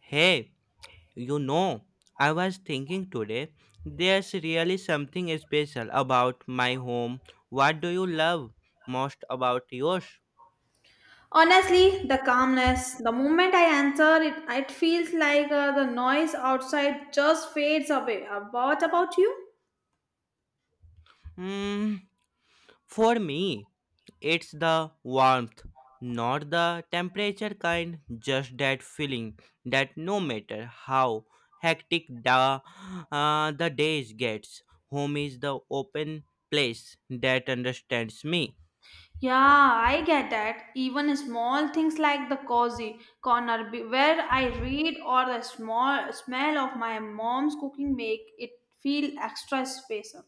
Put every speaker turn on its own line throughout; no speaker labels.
Hey, you know, I was thinking today, there's really something special about my home. What do you love most about yours?
Honestly, the calmness, the moment I enter, it feels like the noise outside just fades away. What about you?
Hmm, for me, it's the warmth, not the temperature kind, just that feeling that no matter how hectic the days gets, home is the open place that understands me.
Yeah, I get that. Even small things like the cozy corner where I read or the small smell of my mom's cooking make it feel extra special.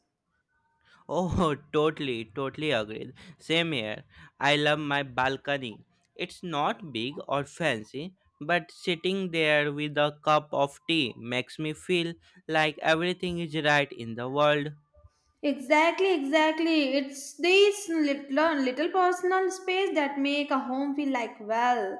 Oh, totally, totally agreed. Same here. I love my balcony. It's not big or fancy, but sitting there with a cup of tea makes me feel like everything is right in the world.
Exactly, exactly. It's these little, little personal space that make a home feel like well.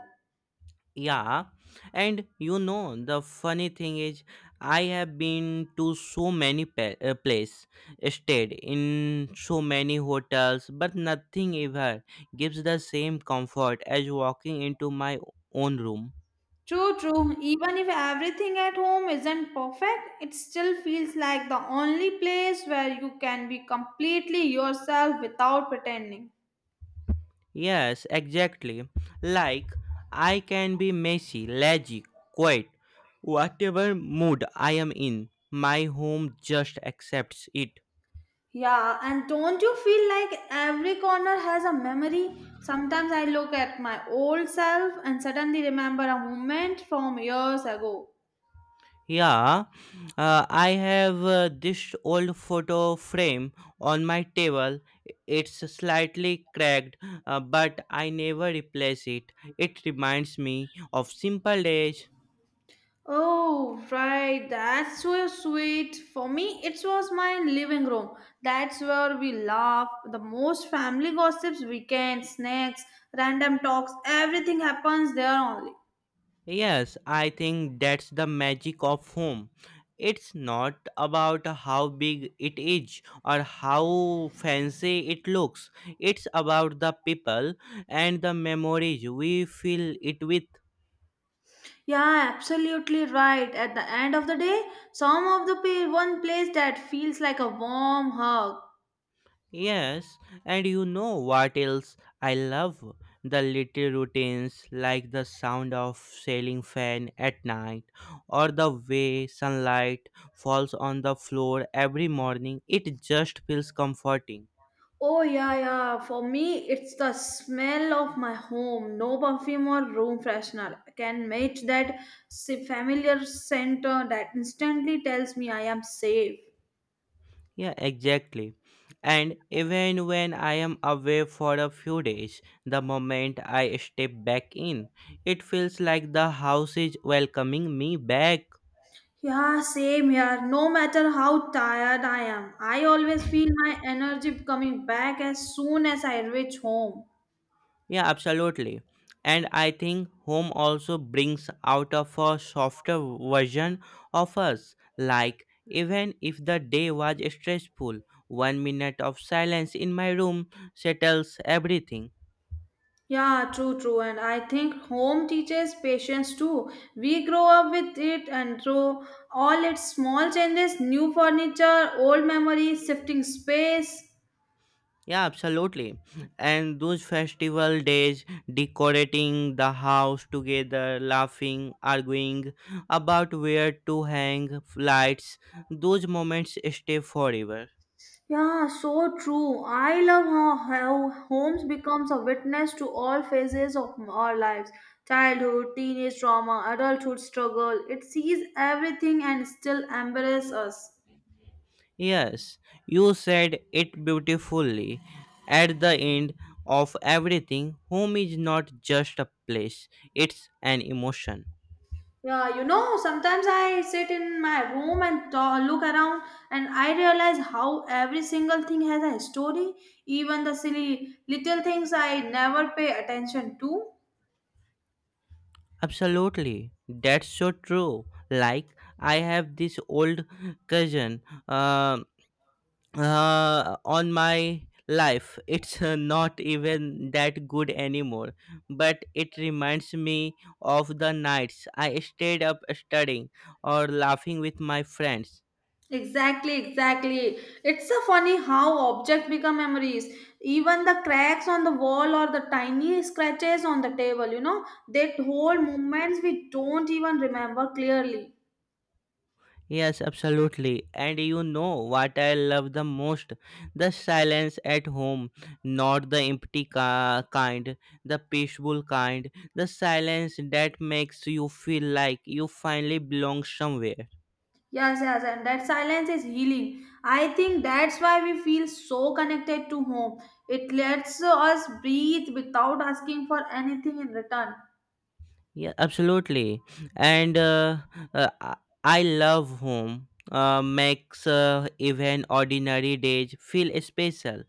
Yeah, and the funny thing is, I have been to so many places, stayed in so many hotels, but nothing ever gives the same comfort as walking into my own room.
True, true. Even if everything at home isn't perfect, it still feels like the only place where you can be completely yourself without pretending.
Yes, exactly. Like, I can be messy, lazy, quiet, whatever mood I am in. My home just accepts it.
Yeah, and don't you feel like every corner has a memory? Sometimes I look at my old self and suddenly remember a moment from years ago.
Yeah, I have this old photo frame on my table. It's slightly cracked, but I never replace it. It reminds me of simple days.
Oh, right. That's so sweet. For me, it was my living room. That's where we laugh. The most family gossips, weekends, snacks, random talks, everything happens there only.
Yes, I think that's the magic of home. It's not about how big it is or how fancy it looks. It's about the people and the memories we fill it with.
Yeah, absolutely right. At the end of the day, some of the one place that feels like a warm hug.
Yes, and you know what else I love? The little routines like the sound of sailing fan at night or the way sunlight falls on the floor every morning. It just feels comforting.
Oh yeah, yeah. For me, it's the smell of my home. No perfume or room freshener can match that familiar scent that instantly tells me I am safe.
Yeah, exactly. And even when I am away for a few days, the moment I step back in, it feels like the house is welcoming me back.
Yeah, same here. No matter how tired I am, I always feel my energy coming back as soon as I reach home.
Yeah, absolutely. And I think home also brings out of a softer version of us. Like, even if the day was stressful, 1 minute of silence in my room settles everything.
Yeah, true, true. And I think home teaches patience too. We grow up with it, and through all its small changes, new furniture, old memories, shifting space.
Yeah, absolutely. And those festival days, decorating the house together, laughing, arguing about where to hang lights, those moments stay forever.
Yeah, so true. I love how homes becomes a witness to all phases of our lives. Childhood, teenage trauma, adulthood struggle. It sees everything and still embraces us.
Yes, you said it beautifully. At the end of everything, home is not just a place, it's an emotion.
Yeah, sometimes I sit in my room and look around, and I realize how every single thing has a story, even the silly little things I never pay attention to.
Absolutely, that's so true. Like, I have this old cousin. Um, on my life it's not even that good anymore, but it reminds me of the nights I stayed up studying or laughing with my friends.
Exactly, exactly. It's so funny how objects become memories. Even the cracks on the wall or the tiny scratches on the table, that whole moments we don't even remember clearly.
Yes, absolutely. And you know what I love the most: the silence at home, not the empty kind, the peaceful kind, the silence that makes you feel like you finally belong somewhere.
Yes, yes, and that silence is healing. I think that's why we feel so connected to home. It lets us breathe without asking for anything in return.
Yeah, absolutely. And uh, I I love home. Makes even ordinary days feel special,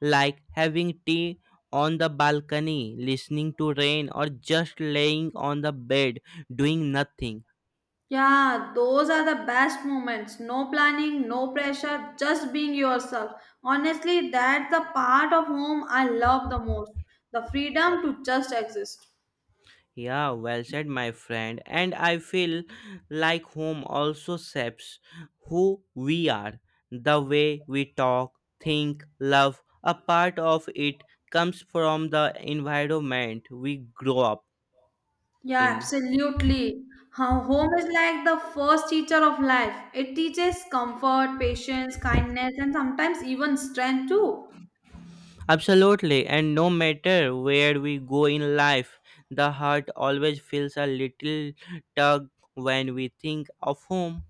like having tea on the balcony, listening to rain, or just laying on the bed doing nothing.
Yeah, those are the best moments. No planning, no pressure, just being yourself. Honestly, that's the part of home I love the most, the freedom to just exist.
Yeah, well said, my friend. And I feel like home also shapes who we are. The way we talk, think, love, a part of it comes from the environment we grow up
Yeah,
in.
absolutely. Home is like the first teacher of life. It teaches comfort, patience, kindness, and sometimes even strength too.
Absolutely. And no matter where we go in life, the heart always feels a little tug when we think of home.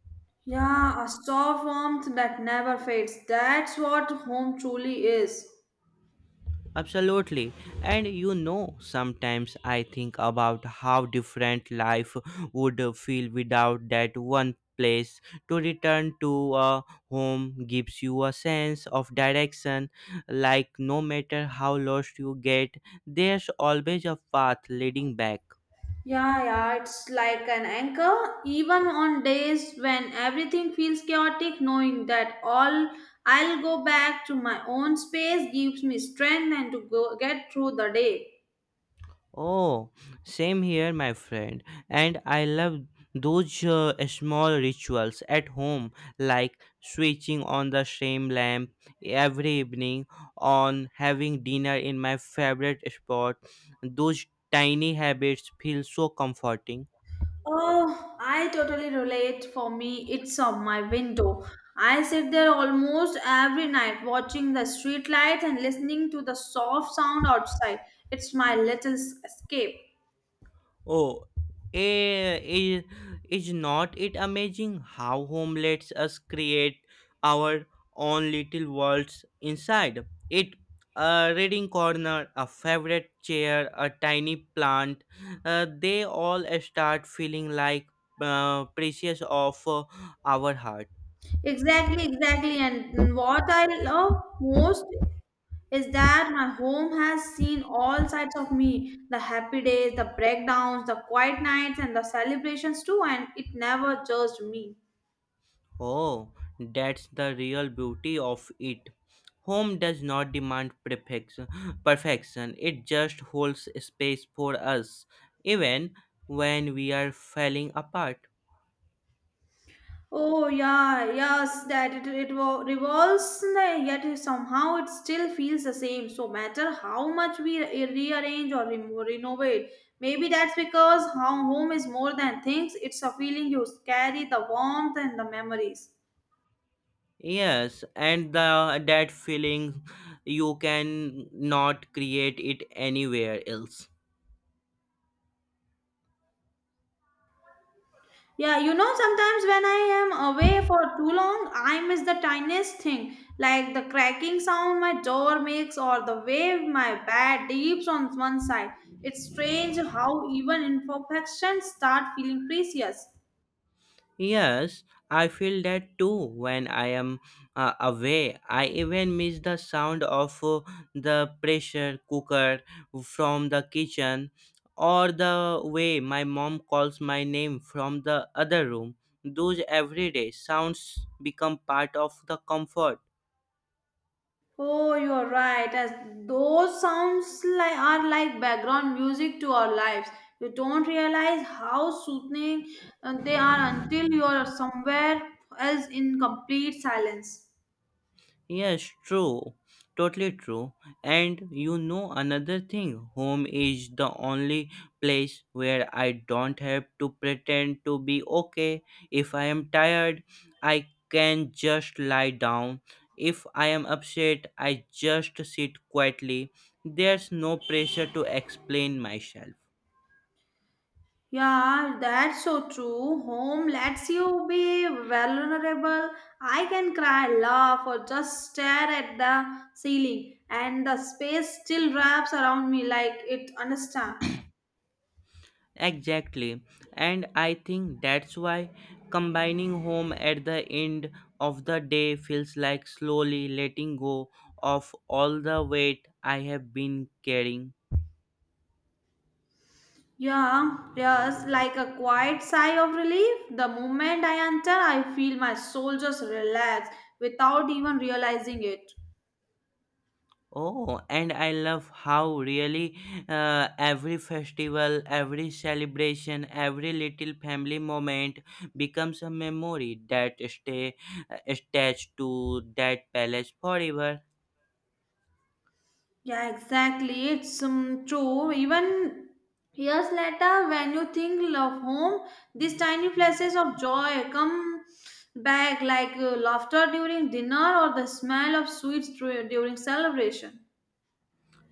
Yeah, a soft warmth that never fades. That's what home truly is.
Absolutely. And sometimes I think about how different life would feel without that one place to return to. A home gives you a sense of direction, like no matter how lost you get, there's always a path leading back.
Yeah, yeah, it's like an anchor. Even on days when everything feels chaotic, knowing that all I'll go back to my own space gives me strength and to go get through the day.
Oh, same here, my friend. And I love those small rituals at home, like switching on the same lamp every evening, on having dinner in my favorite spot. Those tiny habits feel so comforting.
Oh, I totally relate. For me, it's on my window. I sit there almost every night watching the street lights and listening to the soft sound outside. It's my little escape.
Oh, eh, is, is not it amazing how home lets us create our own little worlds inside it? A reading corner, a favorite chair, a tiny plant, they all start feeling like precious of our heart.
Exactly, exactly. And what I love most is that my home has seen all sides of me, the happy days, the breakdowns, the quiet nights, and the celebrations too. And it never judged me.
Oh, that's the real beauty of it. Home does not demand perfection. Perfection. It just holds space for us, even when we are falling apart.
Oh yeah, yes, that it revolves, yet somehow it still feels the same. So matter how much we rearrange or remo renovate, maybe that's because how home is more than things. It's a feeling you carry, the warmth and the memories.
Yes, and the that feeling you can not create it anywhere else.
Yeah, sometimes when I am away for too long, I miss the tiniest thing, like the cracking sound my door makes or the way my bed dips on one side. It's strange how even imperfections start feeling precious.
Yes, I feel that too when I am away. I even miss the sound of the pressure cooker from the kitchen or the way my mom calls my name from the other room. Those everyday sounds become part of the comfort.
Oh, you're right. As those sounds like are like background music to our lives. You don't realize how soothing they are until you are somewhere else in complete silence.
Yes, true. Totally true. And you know another thing, home is the only place where I don't have to pretend to be okay. If I am tired, I can just lie down. If I am upset, I just sit quietly. There's no pressure to explain myself.
Yeah, that's so true. Home lets you be vulnerable. I can cry, laugh, or just stare at the ceiling, and the space still wraps around me like it understands.
Exactly. And I think that's why combining home at the end of the day feels like slowly letting go of all the weight I have been carrying.
Yeah, yes, like a quiet sigh of relief. The moment I enter, I feel my soul just relax without even realizing it.
Oh, and I love how really every festival, every celebration, every little family moment becomes a memory that stay attached to that palace forever.
Yeah, exactly. It's true. Even years later, when you think of home, these tiny flashes of joy come back like laughter during dinner or the smell of sweets during celebration.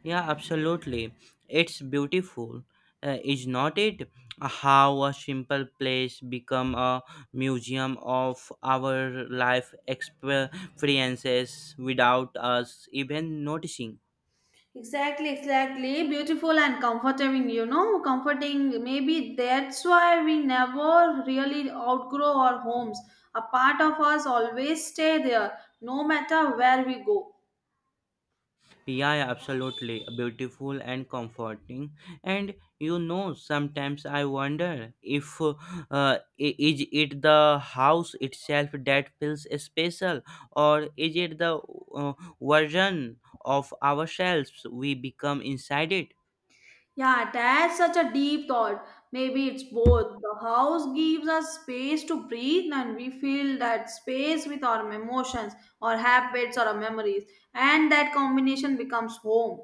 Yeah, absolutely. It's beautiful, is not it? How a simple place become a museum of our life experiences without us even noticing.
Exactly, exactly. Beautiful and comforting, comforting. Maybe that's why we never really outgrow our homes. A part of us always stay there, no matter where we go.
Yeah, yeah, absolutely. Beautiful and comforting. And sometimes I wonder if uh, is it the house itself that feels special, or is it the uh, version of ourselves we become inside it?
Yeah, that's such a deep thought. Maybe it's both. The house gives us space to breathe and we fill that space with our emotions, our habits, or our memories. And that combination becomes home.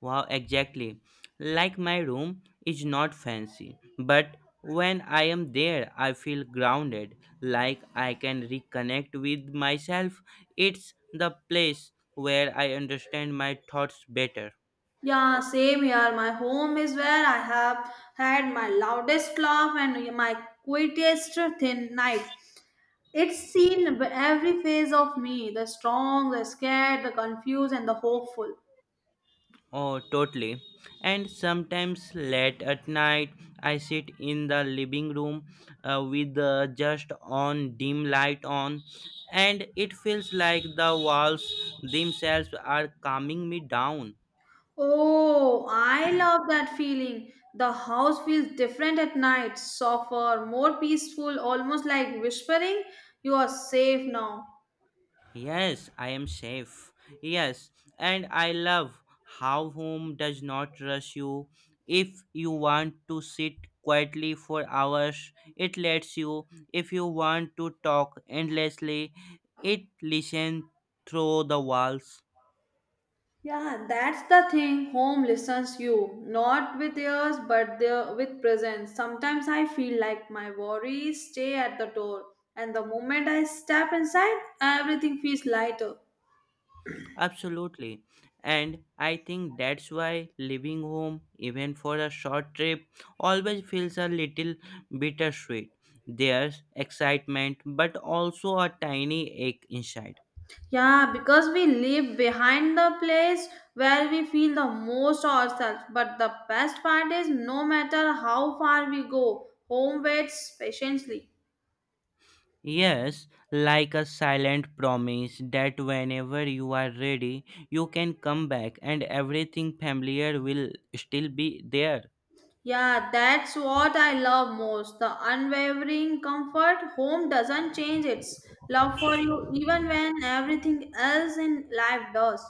Wow, exactly. Like my room is not fancy, but when I am there, I feel grounded, like I can reconnect with myself. It's the place where I understand my thoughts better.
Yeah, same here. My home is where I have had my loudest laugh and my quietest thin nights. It's seen every phase of me, the strong, the scared, the confused, and the hopeful.
Oh, totally. And sometimes late at night, I sit in the living room with just on dim light on, and it feels like the walls themselves are calming me down.
Oh, I love that feeling. The house feels different at night, softer, more peaceful, almost like whispering, "You are safe now."
Yes, I am safe. Yes, and I love how home does not rush you. If you want to sit quietly for hours, it lets you. If you want to talk endlessly, it listens through the walls.
Yeah, that's the thing. Home listens you, not with ears, but there with presence. Sometimes I feel like my worries stay at the door, and the moment I step inside, everything feels lighter.
Absolutely. And I think that's why leaving home, even for a short trip, always feels a little bittersweet. There's excitement, but also a tiny ache inside.
Yeah, because we live behind the place where we feel the most ourselves. But the best part is no matter how far we go, home waits patiently.
Yes, like a silent promise that whenever you are ready, you can come back and everything familiar will still be there.
Yeah, that's what I love most, the unwavering comfort. Home doesn't change its love for you even when everything else in life does.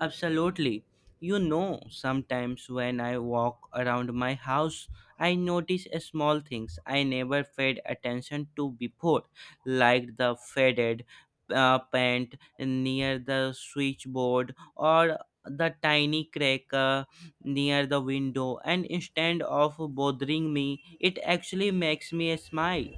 Absolutely. Sometimes when I walk around my house, I notice a small things I never paid attention to before, like the faded paint near the switchboard or the tiny crack near the window. And instead of bothering me, it actually makes me smile.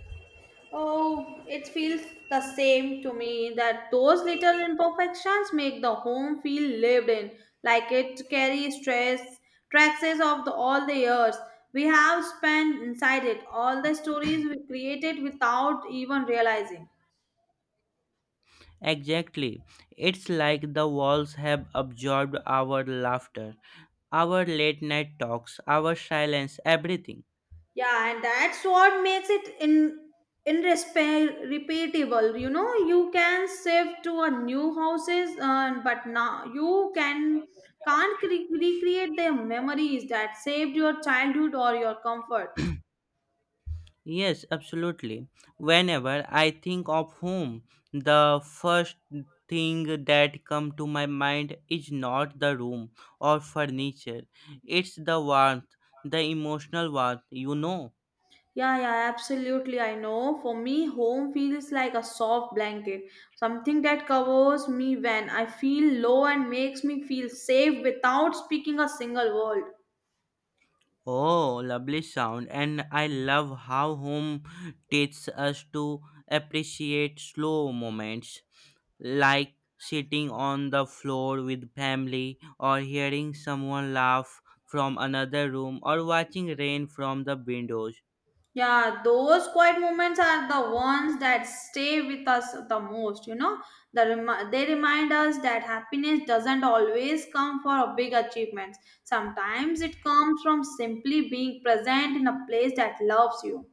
Oh, it feels the same to me that those little imperfections make the home feel lived in, like it carries stress, traces of the, all the years we have spent inside it, all the stories we created without even realizing.
Exactly. It's like the walls have absorbed our laughter. Our late night talks, our silence, everything.
Yeah, and that's what makes it in repeatable. You can save to a new houses, but now you can't recreate the memories that saved your childhood or your comfort.
Yes, absolutely. Whenever I think of home, the first thing that come to my mind is not the room or furniture. It's the warmth, the emotional warmth.
Yeah, yeah, absolutely. I know. For me, home feels like a soft blanket, something that covers me when I feel low and makes me feel safe without speaking a single word.
Oh, lovely sound. And I love how home teaches us to appreciate slow moments, like sitting on the floor with family, or hearing someone laugh from another room, or watching rain from the windows.
Yeah, those quiet moments are the ones that stay with us the most. The they remind us that happiness doesn't always come for a big achievements. Sometimes it comes from simply being present in a place that loves you.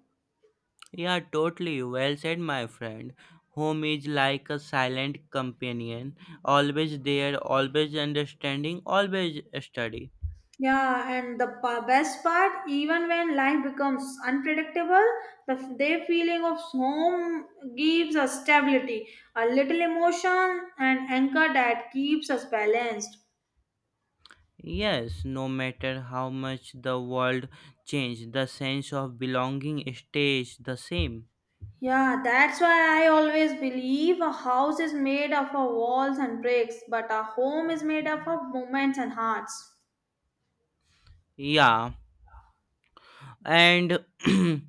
Yeah, totally. Well said, my friend. Home is like a silent companion, always there, always understanding, always steady.
Yeah, and the best part, even when life becomes unpredictable, the their feeling of home gives us stability, a little emotion, and anchor that keeps us balanced.
Yes, no matter how much the world change, the sense of belonging stays the same.
Yeah, that's why I always believe a house is made up of walls and bricks, but a home is made up of moments and hearts.
Yeah, and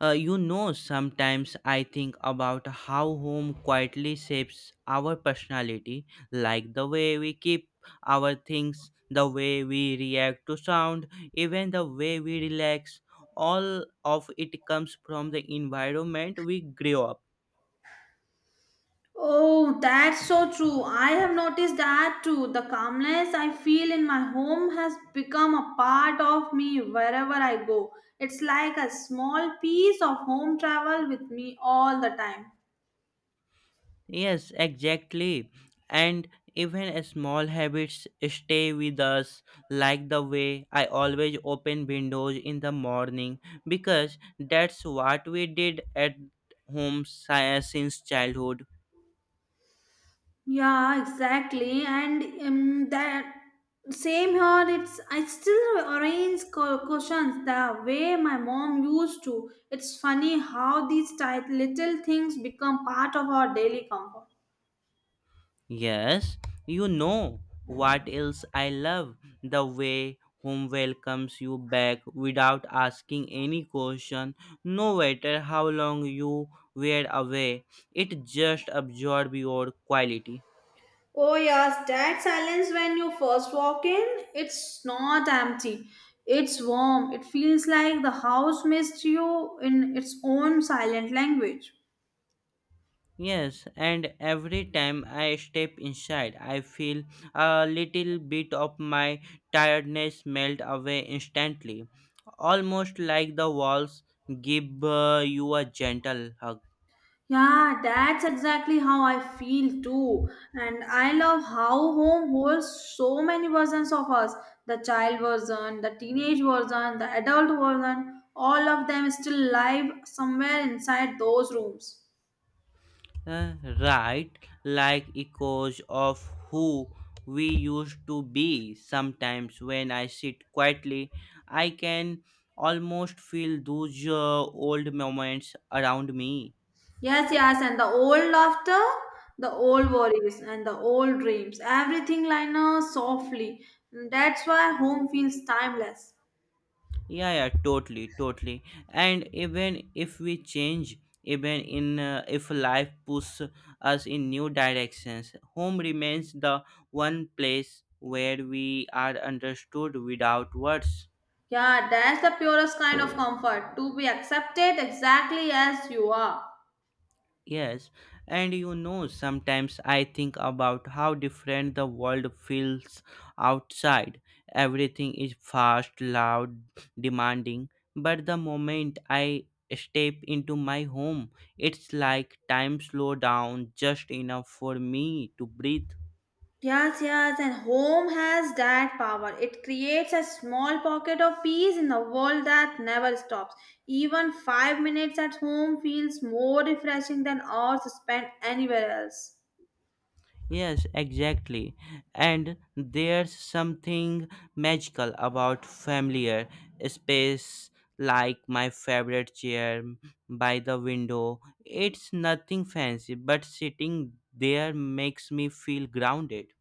sometimes I think about how home quietly shapes our personality, like the way we keep our things, the way we react to sound, even the way we relax. All of it comes from the environment we grew up.
Oh, that's so true. I have noticed that too. The calmness I feel in my home has become a part of me wherever I go. It's like a small piece of home travel with me all the time.
Yes, exactly. And even small habits stay with us, like the way I always open windows in the morning, because that's what we did at home since childhood.
Yeah, exactly. And that same here. It's I still arrange cushions the way my mom used to. It's funny how these tight little things become part of our daily comfort.
Yes, you know what else I love: the way home welcomes you back without asking any question, no matter how long you were away, it just absorbs your quality.
Oh yes, that silence when you first walk in, it's not empty. It's warm. It feels like the house missed you in its own silent language.
Yes, and every time I step inside, I feel a little bit of my tiredness melt away instantly, almost like the walls give you a gentle hug.
Yeah, that's exactly how I feel too. And I love how home holds so many versions of us, the child version, the teenage version, the adult version, all of them still live somewhere inside those rooms.
Uh, right, like echoes of who we used to be. Sometimes when I sit quietly, I can almost feel those old moments around me.
Yes, yes, and the old laughter, the old worries, and the old dreams. Everything lines softly. That's why home feels timeless.
Yeah, yeah, totally, totally, and even if we change, even in if life pushes us in new directions, home remains the one place where we are understood without words.
Yeah, that's the purest kind of comfort, to be accepted exactly as you are.
Yes, and sometimes I think about how different the world feels outside. Everything is fast, loud, demanding, but the moment I step into my home, it's like time slow down just enough for me to breathe.
Yes, yes, and home has that power. It creates a small pocket of peace in the world that never stops. Even 5 minutes at home feels more refreshing than hours spent anywhere else.
Yes, exactly. And there's something magical about familiar space like my favorite chair by the window. It's nothing fancy, but sitting there makes me feel grounded.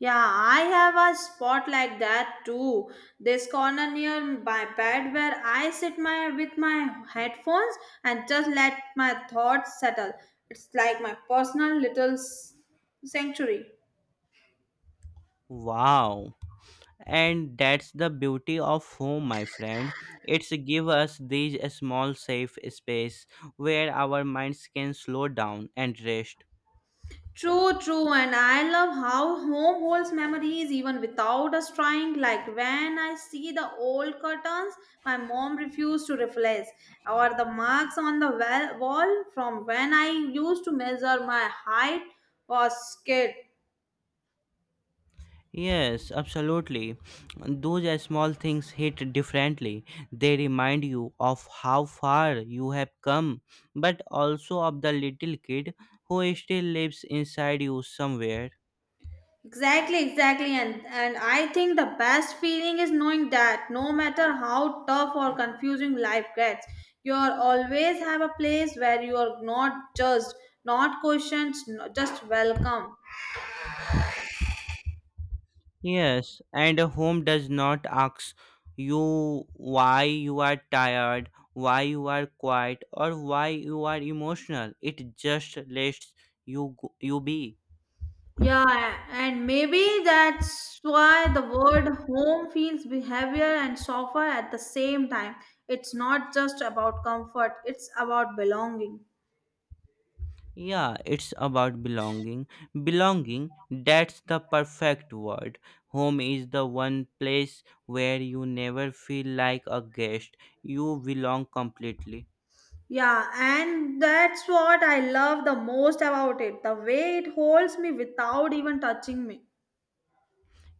Yeah, I have a spot like that too. This corner near my bed where I sit my with my headphones and just let my thoughts settle. It's like my personal little sanctuary.
Wow. And that's the beauty of home, my friend. It's give us these small safe space where our minds can slow down and rest.
True, true, and I love how home holds memories even without us trying. Like when I see the old curtains my mom refused to replace, or the marks on the wall from when I used to measure my height was kid.
Yes, absolutely. Those are small things hit differently. They remind you of how far you have come, but also of the little kid who still lives inside you somewhere.
Exactly, exactly, and I think the best feeling is knowing that no matter how tough or confusing life gets, you always have a place where you are not judged, not questioned, just welcome.
Yes, and a home does not ask you why you are tired, why you are quiet, or why you are emotional. It just lets you be.
Yeah, and maybe that's why the word home feels behavior and softer at the same time. It's not just about comfort, it's about belonging.
Yeah, it's about belonging. Belonging, that's the perfect word. Home is the one place where you never feel like a guest. You belong completely.
Yeah, and that's what I love the most about it, the way it holds me without even touching me.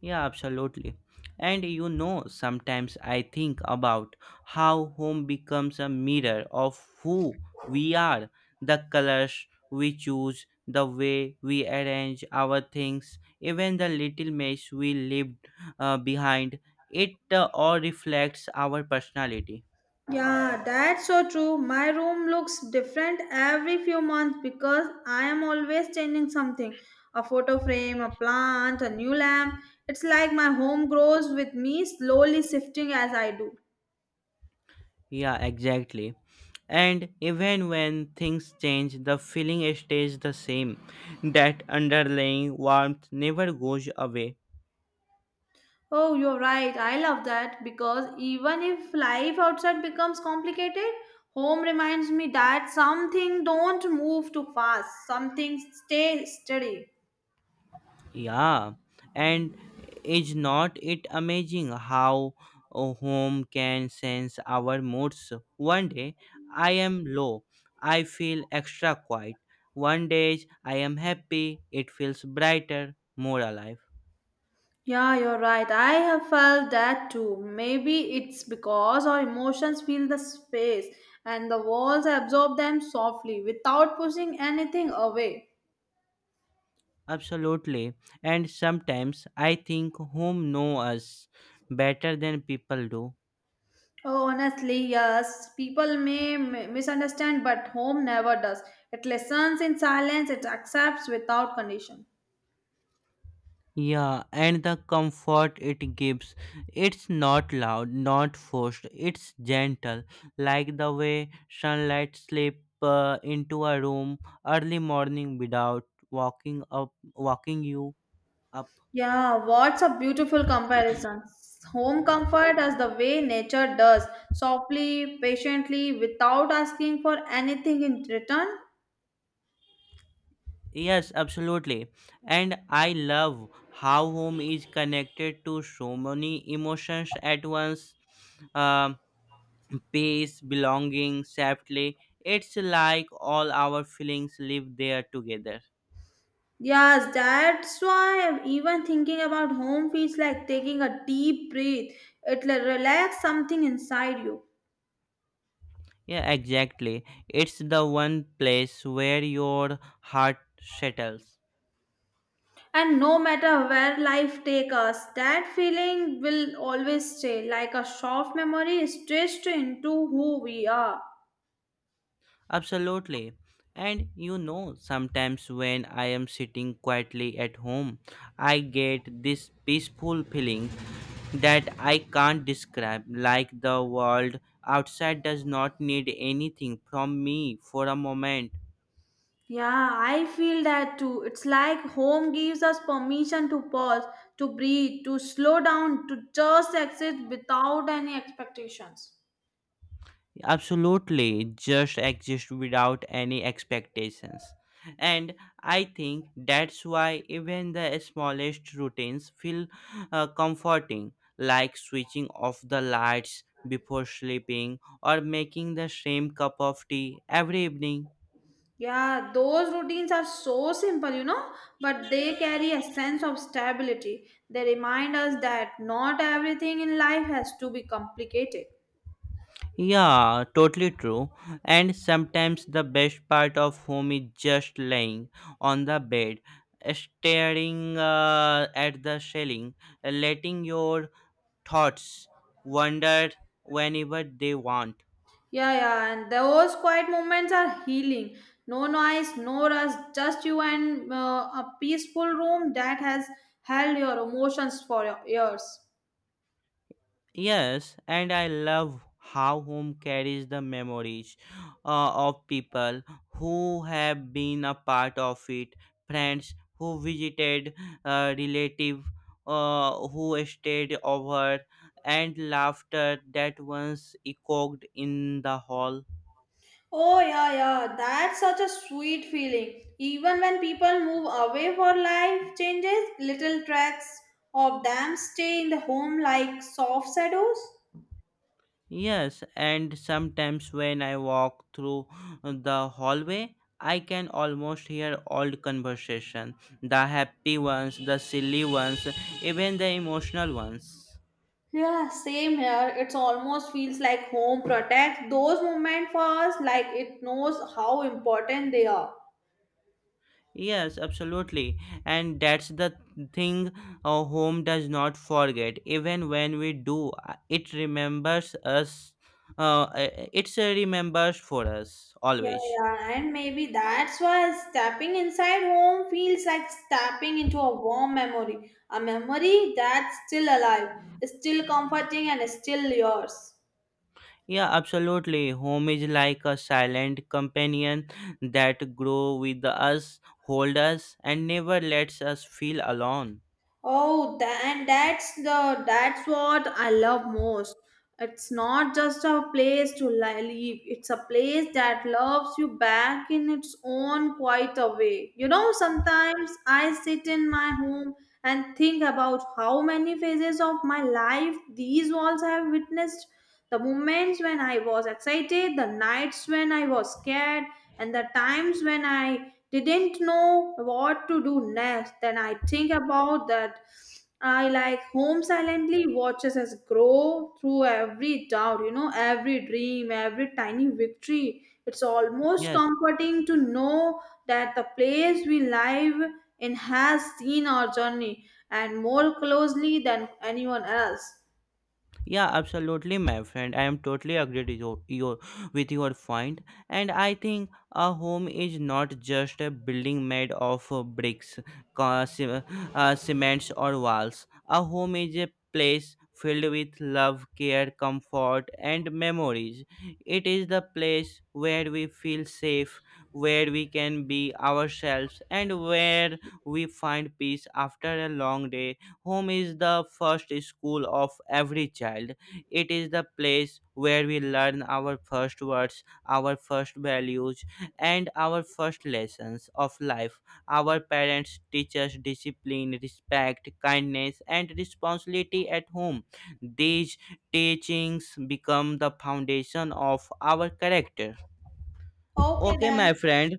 Yeah, absolutely. And you know, sometimes I think about how home becomes a mirror of who we are, the colors we choose, the way we arrange our things, even the little mess we lived behind. It all reflects our personality.
Yeah, that's so true. My room looks different every few months because I am always changing something, a photo frame, a plant, a new lamp. It's like my home grows with me, slowly shifting as I do.
Yeah, exactly. And even when things change, the feeling stays the same. That underlying warmth never goes away.
Oh, you're right. I love that because even if life outside becomes complicated, home reminds me that something don't move too fast, something stay steady.
Yeah, and is not it amazing how a home can sense our moods? One day I am low, I feel extra quiet. One day I am happy, it feels brighter, more alive.
Yeah, you're right. I have felt that too. Maybe it's because our emotions fill the space and the walls absorb them softly without pushing anything away.
Absolutely. And sometimes I think home know us better than people do.
Oh, honestly, yes, people may misunderstand, but home never does. It listens in silence, it accepts without condition.
Yeah, and the comfort it gives. It's not loud, not forced, it's gentle, like the way sunlight slip into a room early morning without walking you up.
Yeah, what's a beautiful comparison. Home comfort as the way nature does, softly, patiently, without asking for anything in return.
Yes, absolutely. And I love how home is connected to so many emotions at once. Um Peace, belonging, safely. It's like all our feelings live there together.
Yes, that's why even thinking about home feels like taking a deep breath. It'll relax something inside you.
Yeah, exactly. It's the one place where your heart settles.
And no matter where life takes us, that feeling will always stay like a soft memory stitched into who we are.
Absolutely. And you know, sometimes when I am sitting quietly at home, I get this peaceful feeling that I can't describe, like the world outside does not need anything from me for a moment.
Yeah, I feel that too. It's like home gives us permission to pause, to breathe, to slow down, to just exist without any expectations.
Absolutely, just exist without any expectations. And I think that's why even the smallest routines feel comforting, like switching off the lights before sleeping or making the same cup of tea every evening.
Yeah, those routines are so simple, but they carry a sense of stability. They remind us that not everything in life has to be complicated.
Yeah, totally true. And sometimes the best part of home is just laying on the bed, staring at the ceiling, letting your thoughts wander whenever they want.
Yeah, yeah, and those quiet moments are healing. No noise, no rush, just you and a peaceful room that has held your emotions for your years.
Yes, and I love how home carries the memories of people who have been a part of it, friends who visited, relative who stayed over, and laughter that once echoed in the hall.
Oh, yeah, yeah, that's such a sweet feeling. Even when people move away for life changes, little tracks of them stay in the home like soft shadows.
Yes, and sometimes when I walk through the hallway, I can almost hear old conversation, the happy ones, the silly ones, even the emotional ones.
Yeah, same here. It almost feels like home protects those moments for us, like it knows how important they are.
Yes, absolutely. And that's the thing, our home does not forget. Even when we do, it remembers us. It's a remembers for us
Yeah,
always.
yeah, and maybe that's why stepping inside home feels like stepping into a warm memory, a memory that's still alive, still comforting, and still yours.
Yeah, absolutely. Home is like a silent companion that grow with us, hold us, and never lets us feel alone.
Oh, and that's what I love most. It's not just a place to live. It's a place that loves you back in its own quiet way. You know, sometimes I sit in my home and think about how many phases of my life these walls have witnessed, the moments when I was excited, the nights when I was scared, and the times when I didn't know what to do next. Then I think about that. I like home silently watches us grow through every doubt, every dream, every tiny victory. It's almost
Yes.
comforting to know that the place we live in has seen our journey and more closely than anyone else.
Yeah, absolutely, my friend. I am totally agreed with your with your point, and I think a home is not just a building made of bricks, co- ce- cements, or walls. A home is a place filled with love, care, comfort, and memories. It is the place where we feel safe, where we can be ourselves, and where we find peace after a long day. Home is the first school of every child. It is the place where we learn our first words, our first values, and our first lessons of life. Our parents teach us discipline, respect, kindness, and responsibility at home. These teachings become the foundation of our character.
Okay,
Okay,
then
my friend,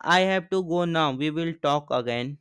I have to go now. We will talk again.